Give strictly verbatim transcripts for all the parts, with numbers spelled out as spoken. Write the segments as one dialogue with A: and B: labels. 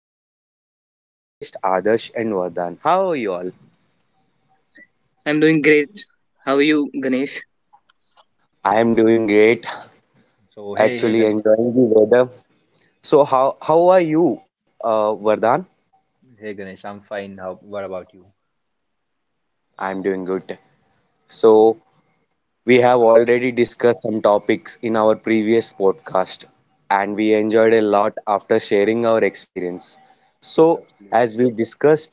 A: Podcast. We have a guest, Adarsh and Vardhan. How are you all?
B: I'm doing great. How are you, Ganesh?
A: I am doing great.
C: So hey, hey
A: Actually,
C: Ganesh,
A: enjoying the weather. So, how how are you, uh, Vardhan?
C: hey Ganesh, I'm fine. How? What about you?
A: I am doing good.
C: So,
A: So, we have
C: I would-
A: already discussed some topics in our previous podcast, and we
C: yes,
A: enjoyed a lot after sharing our experience.
C: yes,
A: So,
C: absolutely.
A: as we discussed,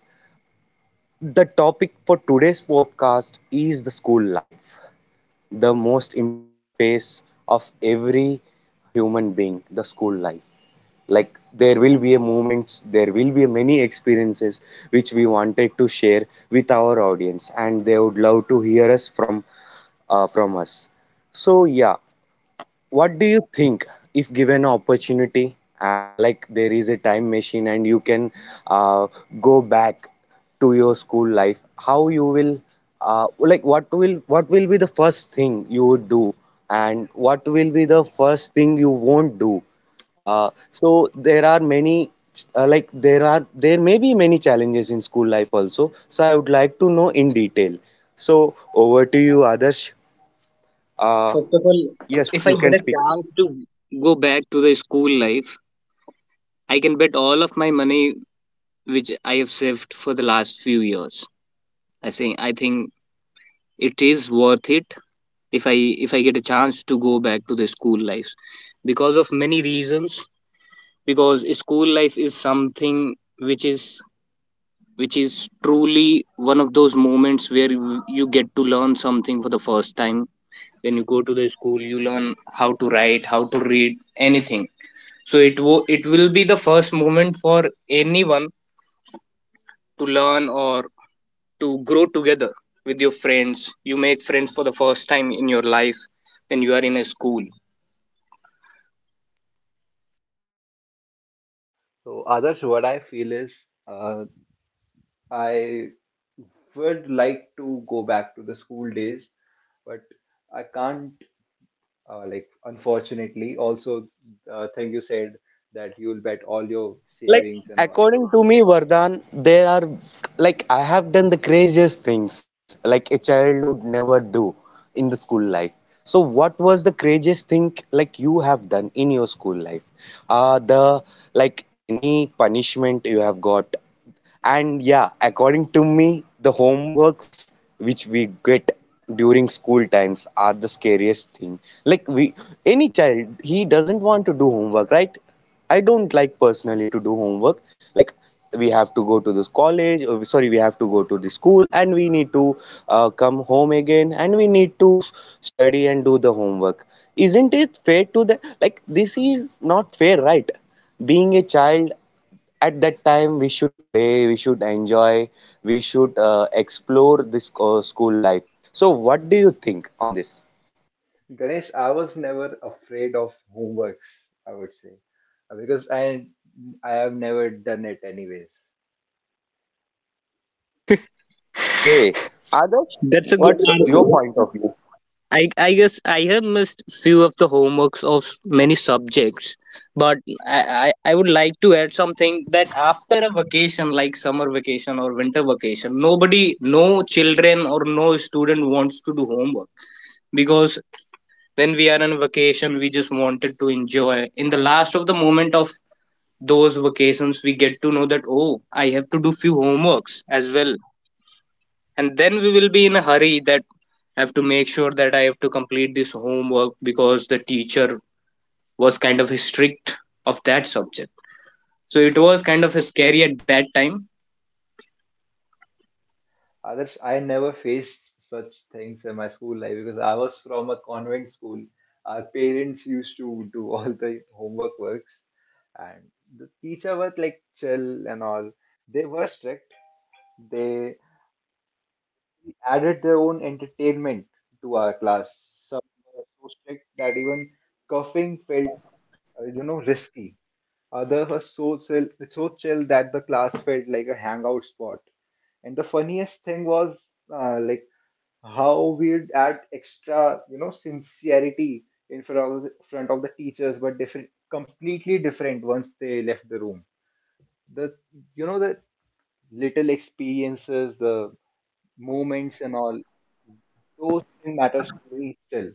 A: the topic for today's podcast is the school life. The
C: So,
A: most important phase of every human being, the school life. Like there will be a moments, there will be many experiences which we wanted to share with our audience, and they would love to hear us from uh, from us. So yeah, what do you think, if given an opportunity, uh, like there is a time machine and you can uh, go back to your school life? How you will, uh, like what will what will be the first thing you would do, and what will be the first thing you won't do? Uh, so there are many, uh, like there are there may be many challenges in school life also. So I would like to know in detail. So over to you, Adarsh. Uh,
B: First of all,
A: yes,
B: if I
A: you can
B: get a
A: speak.
B: chance to go back to the school life, I can bet all of my money which I have saved for the last few years. I say I think it is worth it if I if I get a chance to go back to the school life because of many reasons, because school life is something which is which is truly one of those moments where you you get to learn something for the first time. When you go to the school, you learn how to write, how to read, anything. So it wo- it will be the first moment for anyone to learn or to grow together with your friends. You make friends for the first time in your life when you are in a school.
C: so Adarsh, what I feel is, uh, I would like to go back to the school days, but I can't. Uh, like, unfortunately, also the thing you said that you'll bet all your
A: Like,
C: savings and all.
A: according to me, Vardhan, there are, like, I have done the craziest things like a child would never do in the school life. So what was the craziest thing like you have done in your school life? Uh the like any punishment you have got. And yeah, according to me, the homeworks which we get during school times are the scariest thing. Like, we, any child, he doesn't want to do homework, right? I don't like personally to do homework. Like, we have to go to this college, or sorry, we have to go to the school, and we need to uh, come home again, and we need to study and do the homework. Isn't it fair to the like? This is not fair, right? Being a child at that time, we should play, we should enjoy, we should uh, explore this uh, school life. So what do you think on this?
C: Ganesh, I was never afraid of homeworks. I would say uh, because I I have never done it anyways.
A: Okay, others,
B: That's a good
A: what's your point
B: answer.
A: of view?
B: I, I guess I have missed few of the homeworks of many subjects, but I, I, I would like to add something that after a vacation like summer vacation or winter vacation, nobody, no children or no student wants to do homework, because when we are on vacation, we just wanted to enjoy. In the last of the moment of those vacations, we get to know that, oh, I have to do few homeworks as well, and then we will be in a hurry that I have to make sure that I have to complete this homework because the teacher was kind of strict of that subject. So it was kind of scary at that time.
C: Others, I never faced such things in my school life because I was from a convent school. Our parents used to do all the homework works, and the teacher were like chill and all. They were strict. They added their own entertainment to our class. Some were so
A: Uh,
C: strict
A: like
C: that even
A: during my
C: coughing
A: school days
C: felt, uh, you know, risky. Others were so chill, so chill that the class felt like a hangout spot. And the funniest thing was uh, like how we'd add extra, you know, sincerity in front of the, front of the teachers, but different, completely different once they left the room. The, you know, the
A: okay
C: little
A: so during my
C: experiences,
A: school.
C: the moments and all, those things matters to me still.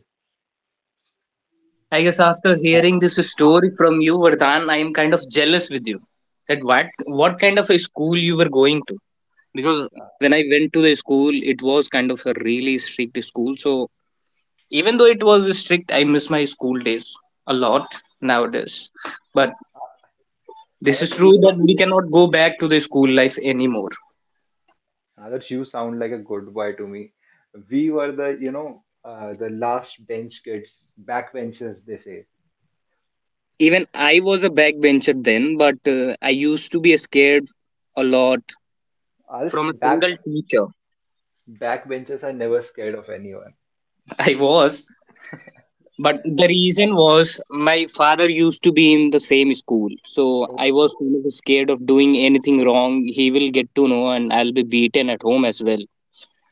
B: I guess after
A: Yeah.
B: hearing this story from you, Vardhan, I am kind of jealous with you. That what what kind of a school you were going to? Because
C: Uh,
B: when I went to the school, it was kind of a really strict school. So even though it was strict, I miss my school days a lot nowadays. But this is
C: Others
B: true
C: you sound,
B: that we cannot go back to the school life anymore.
C: others you sound like a good boy to me. We were the, you know, uh, the last bench kids, backbenchers, they say.
B: Even I was a backbencher then, but uh, I used to be scared a lot.
C: Us
B: From a
C: back
B: single teacher.
C: backbenchers are never scared of anyone.
B: I was. But the reason was my father used to be in the same school, so I was kind of scared of doing anything wrong. He will get to know, and I'll be beaten at home as well.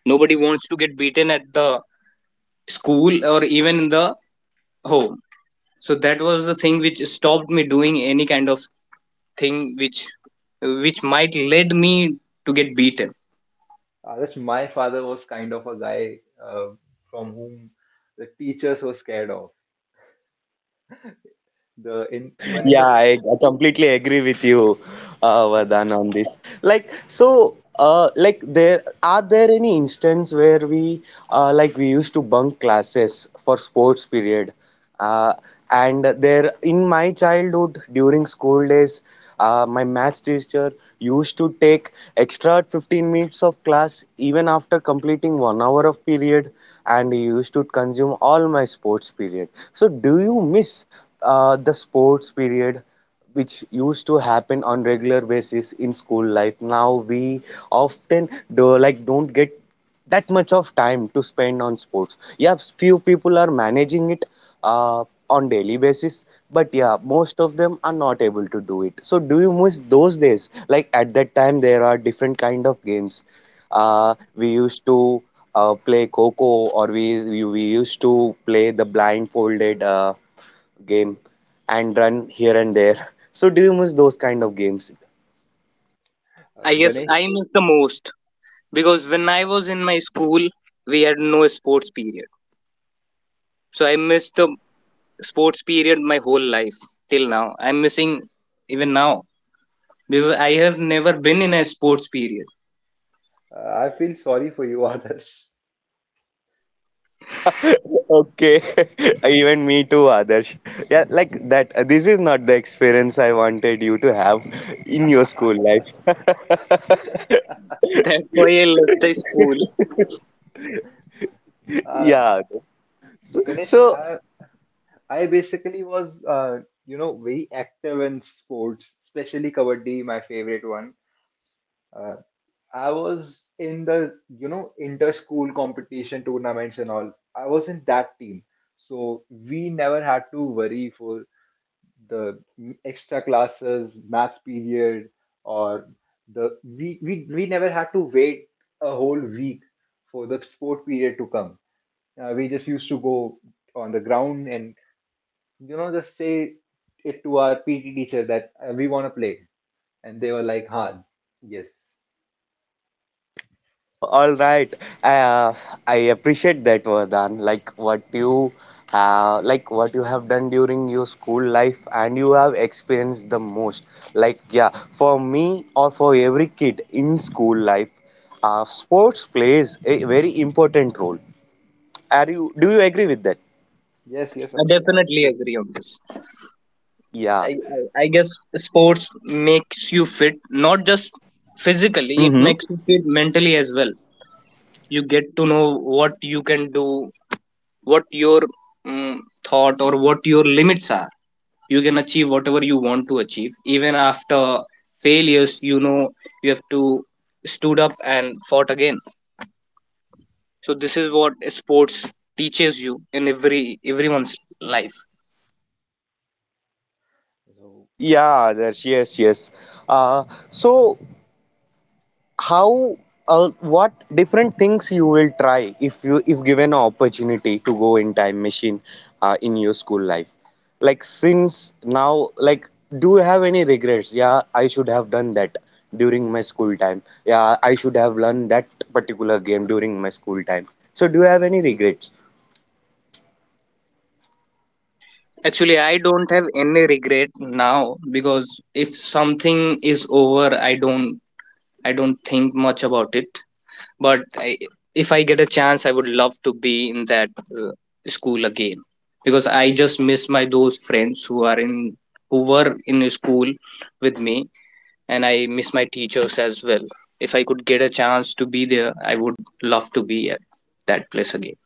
B: Nobody wants to get beaten at the school or even in the home. So that was the thing which stopped me doing any kind of thing which which might led me to get beaten.
C: Uh, that's my father was kind of a guy uh, from whom the teachers were scared of. The in, even in
A: Yeah,
C: the
A: I, I completely agree with you, uh, Vardhan, on this. Like, so, uh, like, there are there any instance where we, uh, like, we used to bunk classes for sports period, uh, and there in my childhood during school days. Uh, my maths teacher used to take extra fifteen minutes of class even after completing one hour of period, and he used to consume all my sports period. So, do you miss uh, the sports period, which used to happen on regular basis in school life? Now we often do like don't get that much of time to spend on sports. Yeah, few people are managing it uh, on daily basis, but yeah, most of them are not able to do it. So do you miss those days? Like at that time, there are different kind of games. Uh, we used to uh, play Coco, or we we we used to play the blindfolded uh, game and run here and there. So do you miss those kind of games?
C: uh,
B: I guess
C: Ganesh,
B: I miss the most, because when I was in my school, we had no sports period. So I missed the sports period my whole life till now. I'm missing even now because I have never been in a sports period.
C: uh, I feel sorry for you, Adarsh.
A: Okay, even me too, Adarsh. Yeah, like that. uh, This is not the experience I wanted you to have in your school life.
B: That's why I left the school.
C: Uh,
A: Yeah. So,
C: Ganesh,
A: so
C: I, I basically was uh, you know very active in sports, especially kabaddi, my favorite one. Uh, I was in the you know inter-school competition tournaments and all. I was in that team, so we never had to worry for the extra classes, math period, or the we, we we never had to wait a whole week for the sport period to come. Uh, we just used to go on the ground and you know just say it to our P T teacher that uh, we want to play, and they were like, "Huh, yes,
A: Oh, all right. Uh, I appreciate that, Vardhan. Like what you have, like what you have done during your school life, and you have experienced the most. Like yeah, for me or for every kid in school life, uh, sports plays a very important role. Are you? Do you agree with that?
C: yes, yes,
B: I
C: abs-
B: definitely
C: absolutely."
B: agree on this.
A: Yeah.
B: I, I, I guess sports makes you fit, not just physically, it makes you fit mentally as well. You get to know what you can do, what your mm thought or what your limits are. You can achieve whatever you want to achieve even after failures you know You have to stood up and fought again. So this is what sports teaches you in every everyone's life.
C: So
A: Yeah, Adarsh, yes, yes. Uh, so how, uh, what different things you will try if you, if given an opportunity to go in time machine uh, in your school life? Like since now, like do you have any regrets? Yeah, I should have done that during my school time. Yeah, I should have learned that particular game during my school time. So do you have any regrets?
B: Actually, I don't have any regret now, because if something is over, i don't i don't think much about it. But I, if I get a chance, I would love to be in that uh, school again, because I just miss my those friends who are in who were in school with me, and I miss my teachers as well. If I could get a chance to be there, I would love to be at that place again.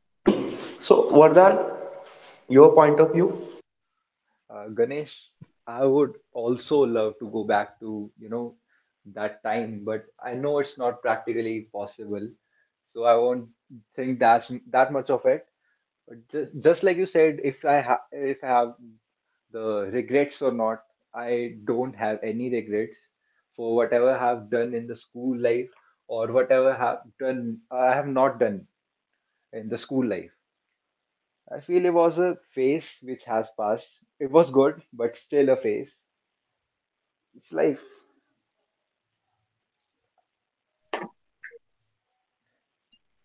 A: Mm-hmm. So, Vardhan, your point of view?
C: Uh, Ganesh, I would also love to go back to, you know, that time, but I know it's not practically possible. So I won't think that that much of it. But just just like you said, if I ha if I have the regrets or not, I don't have any regrets for whatever I have done in the school life or whatever I have done I have not done in the school life. I feel it was a phase which has passed. It was good, but still a phase. It's life.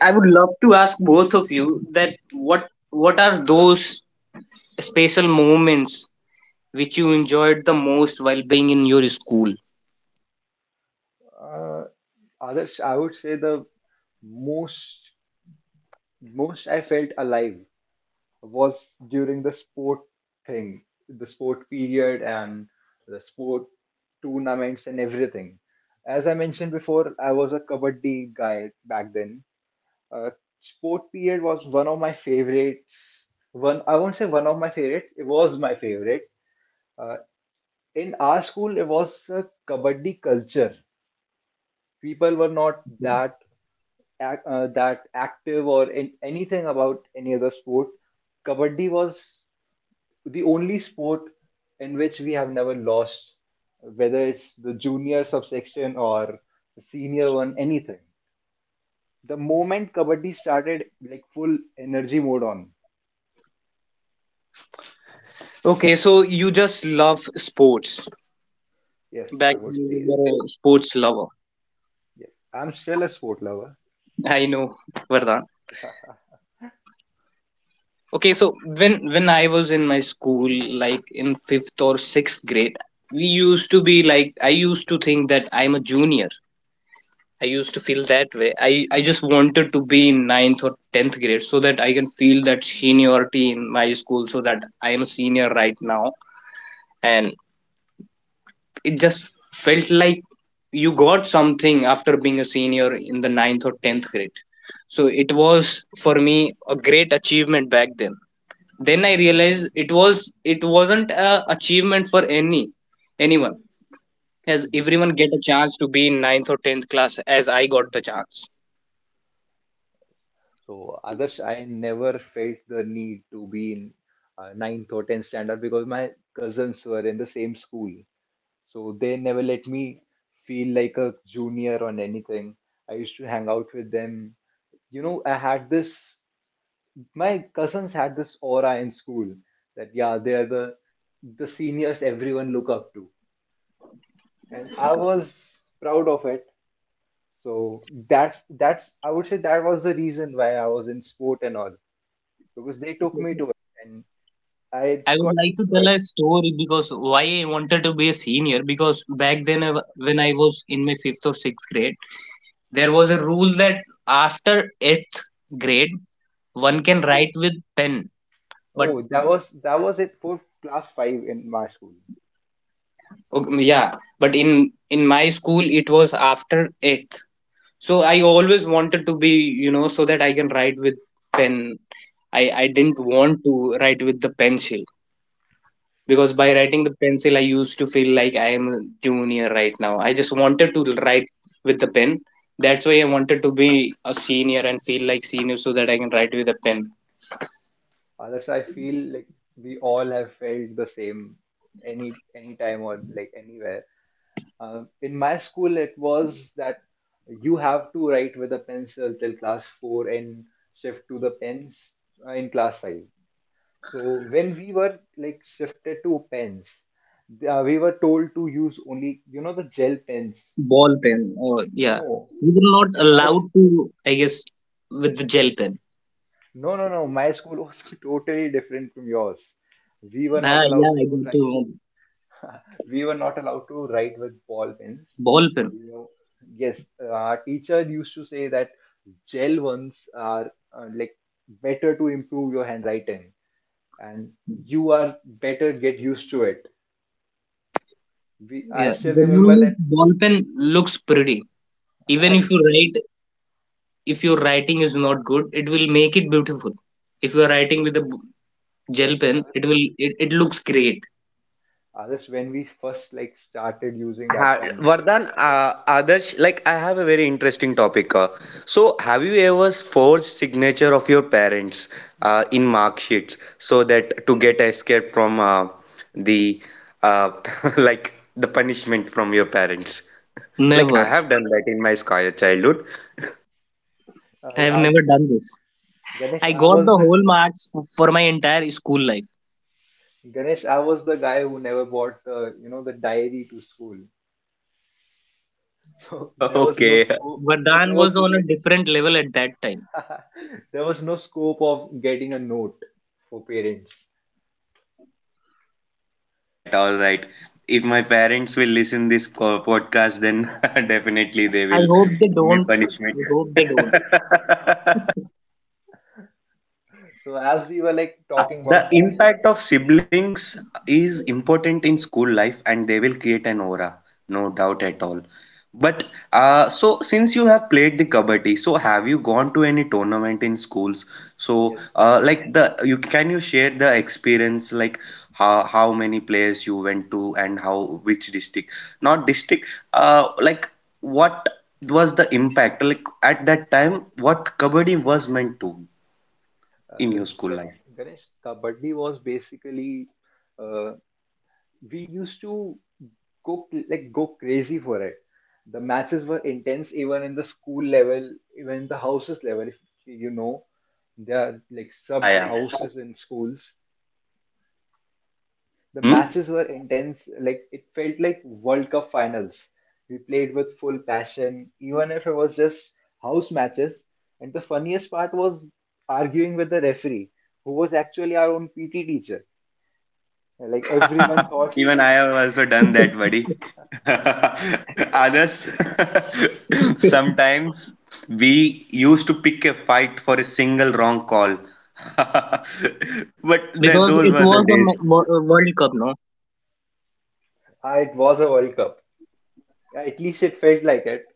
B: I would love to ask both of you that what what are those special moments which you enjoyed the most while being in your school.
C: Uh, Adarsh, I would say the most most I felt alive was during the sport thing, the sport period and the sport tournaments and everything. As I mentioned before, I was a kabaddi guy back then. Uh, Sport period was one of my favorites. One, I won't say one of my favorites. It was my favorite. Uh, in our school, it was a kabaddi culture. People were not that ac- uh, that active or in anything about any other sport. Kabaddi was the only sport in which we have never lost, whether it's the junior subsection or the senior one, anything. The moment Kabaddi started, like full energy mode on.
B: Okay, so you just love sports.
C: Yes,
B: Back
C: I would
B: when
C: say
B: you
C: yes.
B: were a sports lover.
C: Yes, I'm still a sport lover.
B: I know, Vardhan. Okay, so when when I was in my school, like in fifth or sixth grade, we used to be like I used to think that I'm a junior. I used to feel that way. I, I just wanted to be in ninth or tenth grade so that I can feel that seniority in my school, so that I am a senior right now, and it just felt like you got something after being a senior in the ninth or tenth grade. So it was for me a great achievement back then. Then I
A: Yeah,
B: realized
A: for
B: it
A: same
B: was
A: for me,
B: it
A: others
B: wasn't
A: too.
B: a
A: Like I have
B: achievement for
A: experienced
B: any
A: that too.
B: anyone as
C: Yes, I am.
B: everyone get a
A: Yeah, yeah,
B: chance to
A: same
B: be in
A: feeling
B: ninth
A: for
B: or
A: me
B: tenth
A: too.
B: class as I got the chance.
C: So, others, I never felt the need to be in uh, ninth or tenth standard because my cousins were in the same school. So they never let me feel like a junior on anything. I used to hang out with them. You know, I had this, my cousins had this aura in school that, yeah, they are the, the seniors everyone look up to. And I was proud of it. So that's, that's, I would say that was the reason why I was in sport and all, because they took me to it and I
B: I would
C: got
B: like
C: used
B: to
C: to
B: tell
C: it.
B: a story, because why I wanted to be a senior, because back then I wa- when I was in my fifth or sixth grade, there was a rule that after eighth grade one
C: Yes.
B: can write with pen. But
C: Oh, that was, that was it for class five in my school.
B: okay, yeah, but in in my school it was after eighth. So I always wanted to be you know so that I can write with pen. I I didn't want to write with the pencil, because by writing the pencil I used to feel like I am a junior right now. I just wanted to write with the pen. That's why I wanted to be a senior and feel like senior so that I can write with a pen.
C: Others, I feel like we all have felt the same any any time or like anywhere. Um, in my school, it was that you have to write with a pencil till class four and shift to the pens uh, in class five. So when we were like shifted to pens, uh, we were told to use only you know the gel pens.
B: Ball pen. Oh, yeah.
C: No,
B: We were not
C: in my s-
B: allowed to, I guess, with the gel pen.
C: no no no my school was totally different from yours. We were
B: Ah,
C: not allowed
B: yeah, I
C: to
B: got to
C: write. We were not allowed to write with ball pens.
B: ball pen.
C: You know, yes, uh, our teacher used to say that gel ones are uh, like better to improve your handwriting, and you are better get used to it. We I
B: Yeah,
C: still remember
B: genuinely
C: that.
B: ball pen looks pretty. Even if you write, if your writing is not good, it will make it beautiful. If you are writing with a b- gel pen,
C: Others,
B: it will it, it looks great.
C: when we first like
A: So,
C: started using
A: ha
C: that pen. the-
A: Vardhan, uh, Adarsh, like I have a very interesting topic. Uh, so, have you ever forged signature of your parents uh, in mark sheets so that to get escape from uh, the uh, like the punishment from your parents? Like
B: Never.
A: I have done that in my scho- childhood.
B: I
C: uh,
B: have
C: uh,
B: never done this.
C: Ganesh,
B: I
C: I
B: got
C: was
B: the
C: the
B: whole marks f- for my entire school life.
C: Ganesh, I was the guy who never bought uh, you know the diary to school. So there was no
A: Okay.
C: school. So
B: Vardhan
C: there
B: was
C: was
B: on a different level at that time.
C: there was no scope of getting a note for parents.
A: All right, all right. If my parents will listen this co- podcast, then definitely they
B: I
A: will
B: hope they
A: give me
B: don't.
A: punishment.
B: I hope they don't.
C: So as we were like
A: Yeah,
C: talking
A: the
C: about self,
A: impact of siblings is important in school life and they will create an aura, no doubt at all. But uh, so since you have played the kabaddi, so have you gone to any tournament in schools? So
C: yes,
A: uh, like the you can you share the experience like how how many players you went to and how which district? Not district, uh, like what was the impact? Like at that time, what kabaddi was meant to in
C: uh,
A: your school
C: Ga-
A: life?
C: Ganesh, kabaddi was basically uh, we used to go like go crazy for it. The matches were intense even in the school level, even in the houses level. If you know, there are like
A: Yeah,
C: sub
A: yeah, yeah.
C: houses in schools. The
A: Mm-hmm.
C: matches were intense, like it felt like World Cup finals. We played with full passion, even if it was just house matches. And the funniest part was arguing with the referee, who was actually our own P T teacher. Like everyone thought
A: Even I have also done that, buddy.
C: wi-
A: Honest, sometimes we used to pick a fight for a single wrong call. But th
B: Because
A: those
B: it
A: were the
B: was a
A: days.
B: mo- mo- a World Cup, no?
C: ah, it was a World Cup. Yeah, at least it felt like it.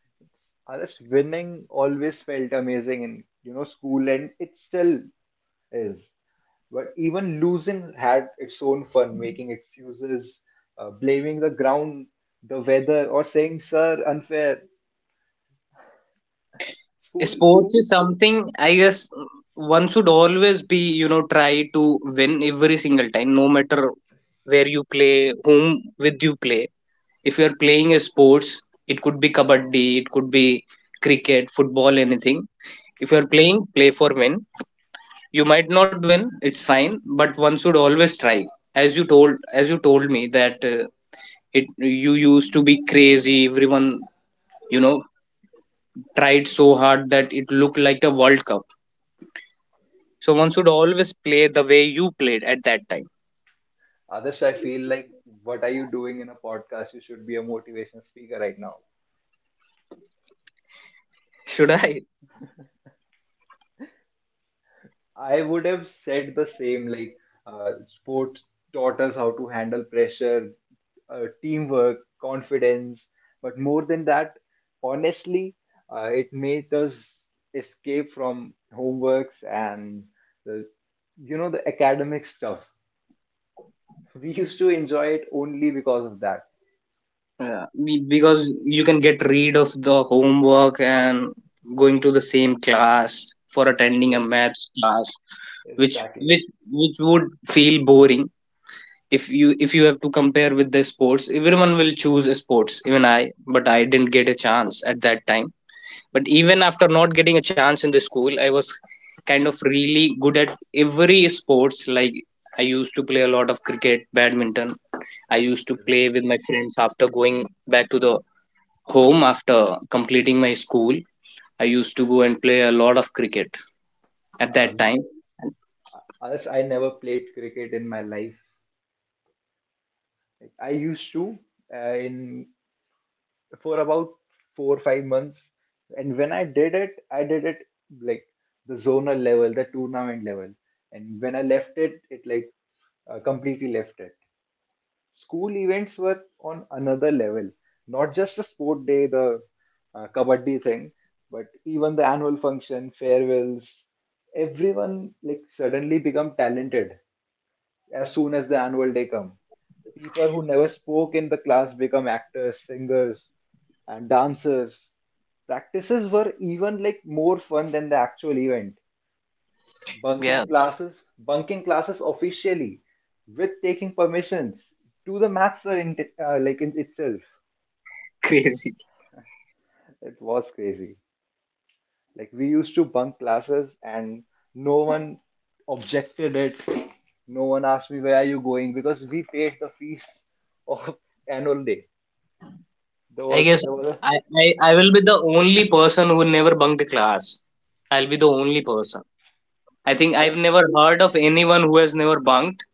A: So, uh,
C: Others
A: like in
C: winning
A: my childhood,
C: always
A: I
C: felt
A: used to play
C: amazing in
A: cricket a
C: you know
A: lot.
C: school, and it still is. But even losing had its own fun, making excuses, uh, blaming the ground, the weather, or saying, "Sir, unfair." School,
B: Sports
C: school.
B: is something, I guess, one should always be, you know, try to win every single time, no matter where you play, whom with you play. If you're playing a sports, it could be kabaddi, it could be cricket, football, anything. If you're playing, play for win. You might not win, it's fine, but one should always try. As you told, as you told me that uh, it you used to be crazy. Everyone you know tried so hard that it looked like a World Cup. So one should always play the way you played at that time.
C: Others, I feel like, what are you doing in a podcast? You should be a motivational speaker right now.
B: Should I?
C: I would have said the same. Like, uh, sports taught us how to handle pressure, uh, teamwork, confidence. But more than that, honestly, uh, it made us escape from homeworks and the you know, the academic stuff. We used to enjoy it only because of that.
B: Yeah, be- because you can get rid of the homework and going to the same class for attending a
C: Yes.
B: math class,
C: Yes,
B: which
C: exactly.
B: which which would feel boring. If you if you have to compare with the sports, everyone will choose sports, even I. But I didn't get a chance at that time. But even after not getting a chance in the school, I was kind of really good at every sports. Like, I used to play a lot of cricket, badminton. I used to
C: Yes,
B: play
C: Alex.
B: with my friends after going back to the home after completing my school. I used to go and play a lot of cricket at
C: Uh,
B: that time.
C: we, honest, I never played cricket in my life. I used to uh, in for about four or five months, and when I did it, I did it like the zonal level, the tournament level, and when I left it, it like uh, completely left it. School events were on another level, not just the sport day, the uh, kabaddi thing, but even the annual function, farewells. Everyone like suddenly become talented as soon as the annual day come. People who never spoke in the class become actors, singers, and dancers. Practices were even like more fun than the actual event bunking
B: Yeah.
C: classes, bunking classes officially with taking permissions to the master in uh, like in itself.
B: Crazy.
C: It was crazy. Like we used to bunk classes and no one objected it. No one asked me where are you going because we paid the fees of annual day. There
B: I
C: was
B: guess
C: there was a,
B: I, I, I will be the only person who never bunked class. I'll be the only person. I think
C: I
B: I've
C: just,
B: never heard of anyone who has never bunked,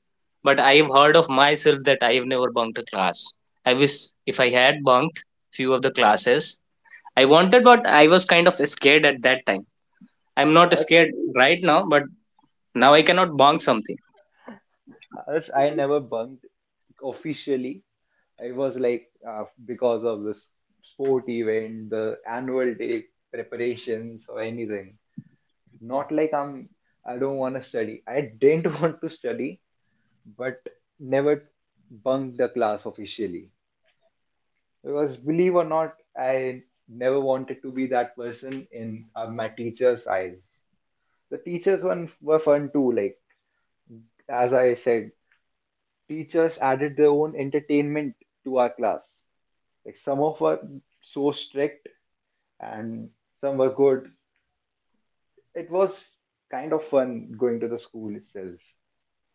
B: but I've heard of myself that I have never bunked a class. I wish if I had bunked few of the classes. I wanted, but I was kind of scared at that time. I'm not
C: I just
B: scared right now, but now I cannot bunk something.
C: As I never bunked officially. I was like, uh, because of this sport event, the annual day preparations or anything. Not like I'm, I don't want to study. I didn't want to study, but never bunked the class officially. Because believe or not, I never wanted to be that person in uh, my teacher's eyes. The teachers one were fun too. Like as I said, teachers added their own entertainment to our class. Like some of were so strict and some were good. It was kind of fun going to the school itself.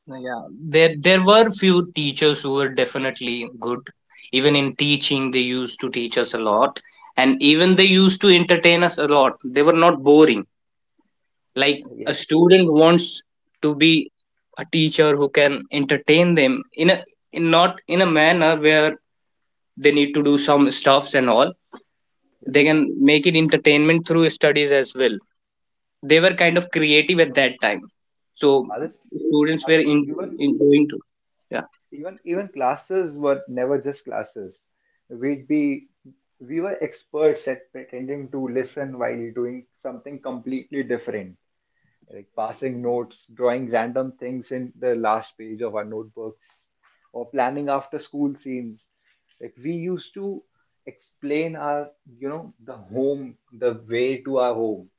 B: Yeah, there there were few teachers who were definitely good. Even in teaching, they used to teach us a lot, and even they used to entertain us a lot. They were not boring. Like, a
C: Yes,
B: student wants to be a teacher who can entertain them in a in not in a manner where they need to do some stuffs and all.
C: yes.
B: They can make it entertainment through studies as well. They were kind of creative at that time, so
C: Others,
B: students were
C: others,
B: in,
C: even
B: in doing.
C: even even classes were never just classes. We'd be we were experts at pretending to listen while doing something completely different, like passing notes, drawing random things in the last page of our notebooks, or planning after school scenes. Like we used to explain our, you know, the home, the way to our home,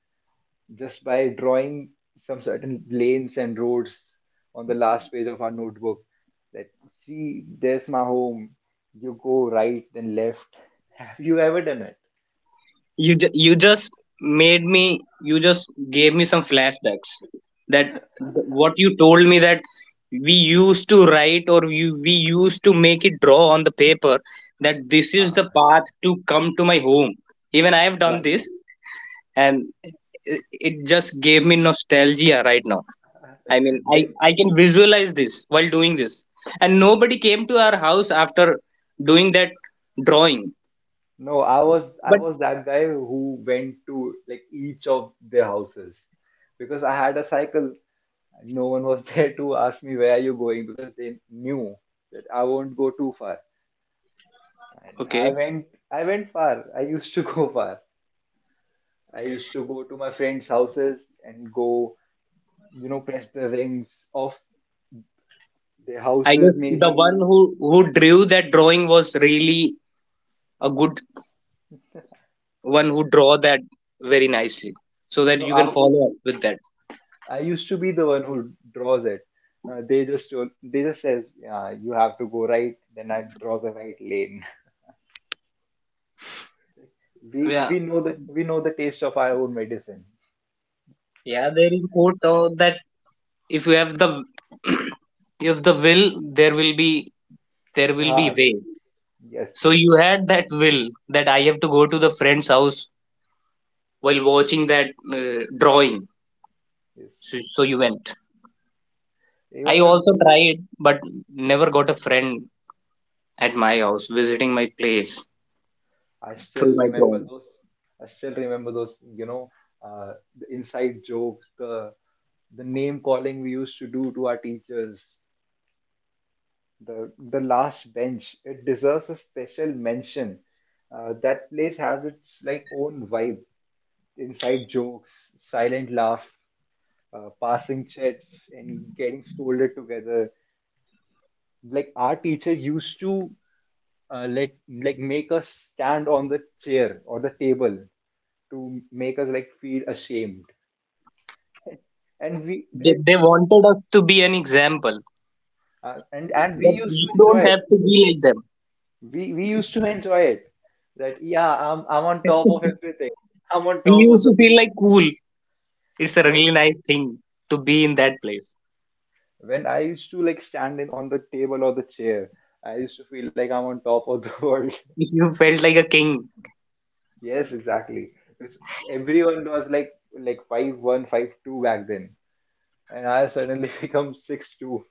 C: just by drawing some certain lanes and roads on the last page of our notebook. That see, there's my home. You go right, then left. Have you ever done it?
B: you ju- you just made me you just gave me some flashbacks, that th- what you told me, that we used to write or you we used to make it draw on the paper that this is
C: Uh,
B: the path to come to my home. Even I have
C: yeah,
B: done this,
C: exactly.
B: and it it just gave me nostalgia right now. I mean, i
C: Then
B: i can visualize this while doing this, and nobody came to our house after doing that drawing.
C: no, I was I
B: But
C: was that guy who went to like each of their houses because I had a cycle. No one was there to ask me where are you going because they knew that I won't go too far. And I
B: okay.
C: went I went far. I used to go far. I used to go to my friends' houses and go, you know, press the rings of their
B: I
C: houses
B: guess the
C: maybe.
B: one who who drew that drawing was really a good one who draw that very nicely, so that
C: No,
B: you can
C: I
B: follow up with that.
C: I used to be the one who draws it. Uh, they just told, they just says yeah, you have to go right. Then I draw the right lane. We
B: Yeah,
C: we know the we know the taste of our own medicine.
B: yeah. There is a quote uh, that if you have the if the will, there will be there will be
C: Ah,
B: way.
C: yes, yes,
B: So
C: yes,
B: you had that will that I have to go to the friend's house while watching that uh, drawing. So,
C: yes.
B: so you went.
C: Even
B: I
C: though,
B: also
C: like,
B: tried, but never got a friend at my house visiting my place
C: I
B: through
C: still
B: my
C: remember
B: drawing.
C: those. I still remember those. You know, uh, the inside jokes, the the name calling we used to do to our teachers. the the last bench, it deserves a special mention. Uh, that place has its like own vibe. Inside jokes, silent laugh. Uh, passing chats and getting scolded together, like our teacher used to uh, let, like, make us stand on the chair or the table to make us like feel ashamed. and we
B: They,
C: and
B: they wanted us to be an example
C: uh, and and
B: that
C: we used to
B: you
C: enjoy
B: don't
C: it.
B: have to be like them.
C: We we used to enjoy it, that, yeah, i'm i'm on top of everything. I'm on
B: We
C: top of
B: used to feel like cool. It's a
C: No,
B: really nice thing to be in that place.
C: when I used to like stand in on the table or the chair, I used to feel like I'm on top of the world.
B: If you felt like a king,
C: Yes, exactly. Because everyone was like like five one, five two back then, and I suddenly become six two.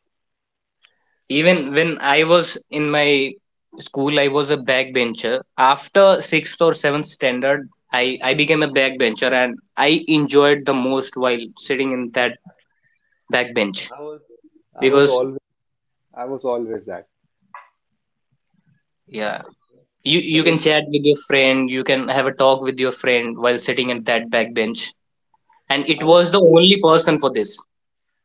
B: even when I was in my school, I was a backbencher. After sixth or seventh standard, I, I became a backbencher and I enjoyed the most while sitting in that backbench,
C: I was I was
B: because
C: always I was always that.
B: yeah,
C: Like
B: you
C: the
B: you can
C: ins-
B: chat with your friend, you can have a talk with your friend while sitting in that backbench. And it was the only person for this.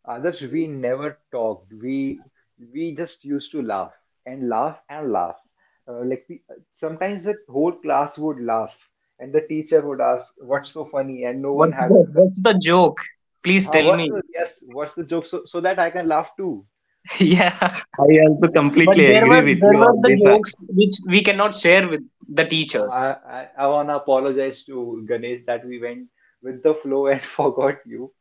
C: Others we never talked. We we just used to laugh and laugh and laugh. Uh, like we, sometimes the whole class would laugh, and the teacher would ask, "What's so funny?" And no one
B: What's
C: had.
B: the what's the joke? Please
C: "Ah,
B: tell
C: what's the,
B: me.
C: yes? What's the joke? So so that I can laugh too."
A: Yes,
B: Yeah,
A: yes, I also
B: but
A: completely
B: there were
A: agree with
B: there
A: you
B: were
A: on
B: the
A: this. uh,
B: jokes which we cannot share with the
C: Oh,
B: teachers.
C: I I, I wanna apologize to Ganesh that we went with the flow and forgot you.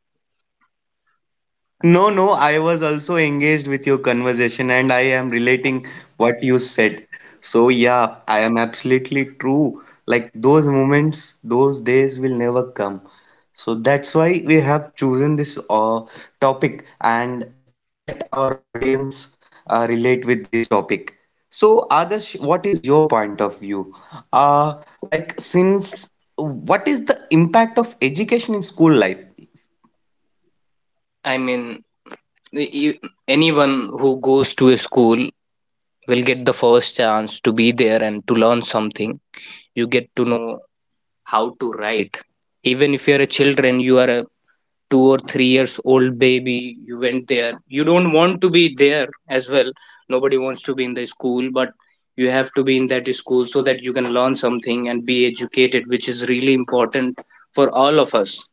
A: No, no, I was also engaged with your conversation and I am relating what you said. So, yeah, I am absolutely true. Like, those moments, those days will never come. So, that's why we have chosen this uh, topic and let our audience uh, relate with this topic. So, Adarsh, what is your point of view? Uh, like, since what is the impact of education in school life?
B: I mean, you- anyone who goes to a school will get the first chance to be there and to learn something. You get to know how to write. Even if you're a children, you are a two or three years old baby, you went there, you don't want to be there as well. Nobody wants to be in the school, but you have to be in that school so that you can learn something and be educated, which is really important for all of us.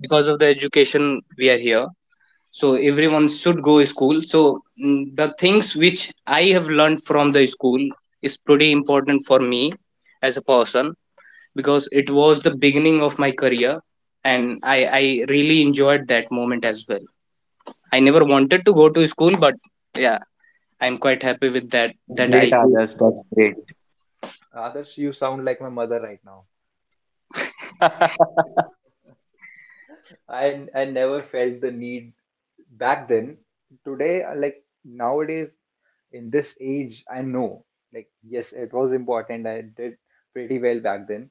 B: Because of the education we are here, so everyone should go to school. So mm, the things which I have learned from the school is pretty important for me as a person, because it was the beginning of my career, and I, I really enjoyed that moment as well. I never wanted to go to school, but yeah, I'm quite happy with that
A: That's
B: that I
A: great,
B: did.
A: Adarsh, that's great.
C: Others, you sound like my mother right now. I I never felt the need back then. Today, like, nowadays, in this age, I know, like, yes, it was important. I did pretty well back then,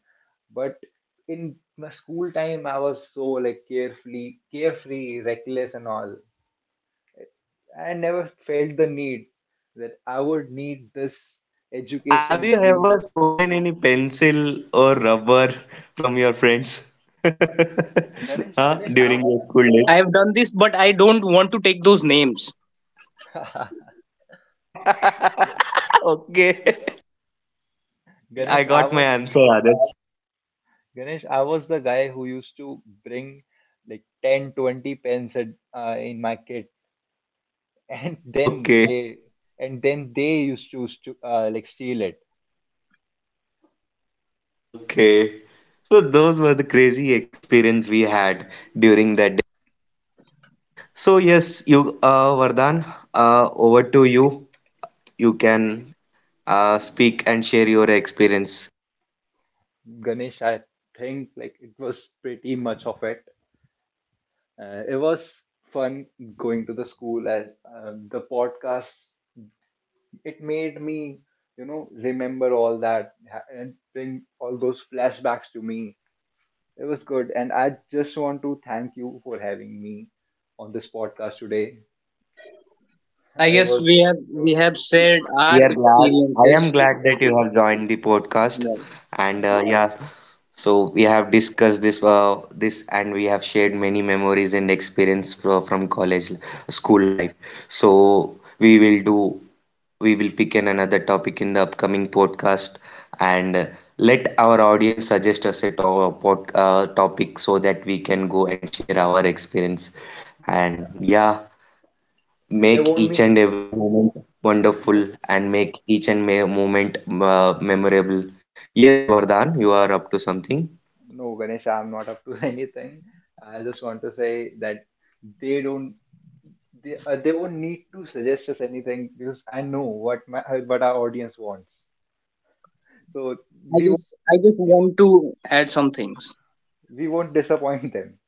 C: but in my school time I was so, like, carefully, carefree, reckless, and all. I never felt the need that I would need this
A: So, have
C: education
A: you
C: to be
A: ever
C: used.
A: stolen any pencil or rubber from your
C: Yeah.
A: friends?
C: ganesh
A: Huh?
C: ganesh I,
A: During your school
B: I
A: days?
B: have done this, but I don't want to take those names.
A: Okay. Got it. I
C: Ganesh, I
A: got my
C: was
A: answer, Adarsh.
C: Ganesh, I was the guy who used to bring like ten, twenty pens a, uh, in my kit, and then
A: Okay.
C: they and then they used to st- uh, like steal it.
A: Okay. So those were the crazy experience we had during that. So yes, you, uh Vardhan, uh over to you. You can uh speak and share your experience.
C: Ganesh, I think, like, it was pretty much of it. Uh, it was fun going to the school, as, uh, the podcast, it made me, you know remember all that ha- and bring all those flashbacks to me. It was good, and I just want to thank you for having me on this podcast today.
B: I
C: Uh, it
B: guess we
C: was
B: have
C: it was
B: we
C: fun.
B: have shared our
A: We are glad. I
B: experiences.
A: am glad that you have joined the podcast,
B: No,
A: and uh, yeah, so we have discussed this, uh, this, and we have shared many memories and experience from, from college, school life. So we will do, we will pick in another topic in the upcoming podcast, and uh, let our audience suggest us a to pod, uh, topic so that we can go and share our experience. And yeah,
C: There
A: make
C: won't
A: each
C: be
A: and every moment
C: there
A: wonderful and make each and every moment uh, memorable. Yes, Vardhan, you are up to something.
C: No, Ganesh, I'm not up to anything. I just want to say that they don't they uh, they won't need to suggest us anything because I know what my uh, what our audience wants. So
B: I
C: we won't,
B: just I just
C: we won't
B: want to add some things.
C: we won't disappoint them.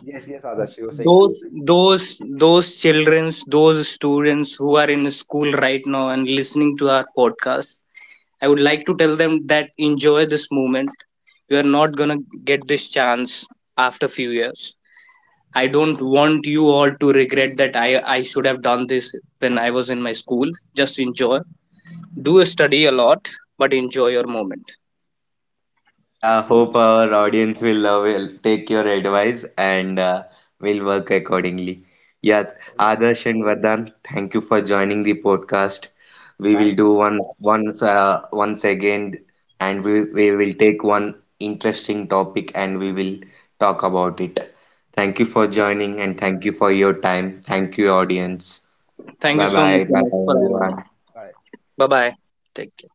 C: Yes, yes, Adarsh, you were saying
B: Those
C: something.
B: those those childrens, those students who are in school right now and listening to our podcast, I would like to tell them that enjoy this moment. You are not gonna get this chance after few years. I don't want you all to regret that I I should have done this when I was in my school. Just enjoy. Do study a lot, but enjoy your moment.
A: Yeah, hope our audience will, uh, will take your advice and uh, will work accordingly. Yeah,
C: I was,
A: Adarsh and Vardhan, thank you for joining the podcast. We
C: Thank
A: will
C: you,
A: do
C: Ganesh.
A: one Once uh, once again, and we we will take one interesting topic and we will talk about it. Thank you for
C: Okay.
A: joining and thank you for your time. Thank you, audience.
B: Thank
C: Thank
B: you
A: Bye
C: you,
B: so
C: thank
B: much,
A: bye.
C: you,
A: Bye
B: Ganesh,
C: Ganesh.
A: bye,
B: for having me.
A: everyone.
C: Bye.
B: Bye bye. Take care.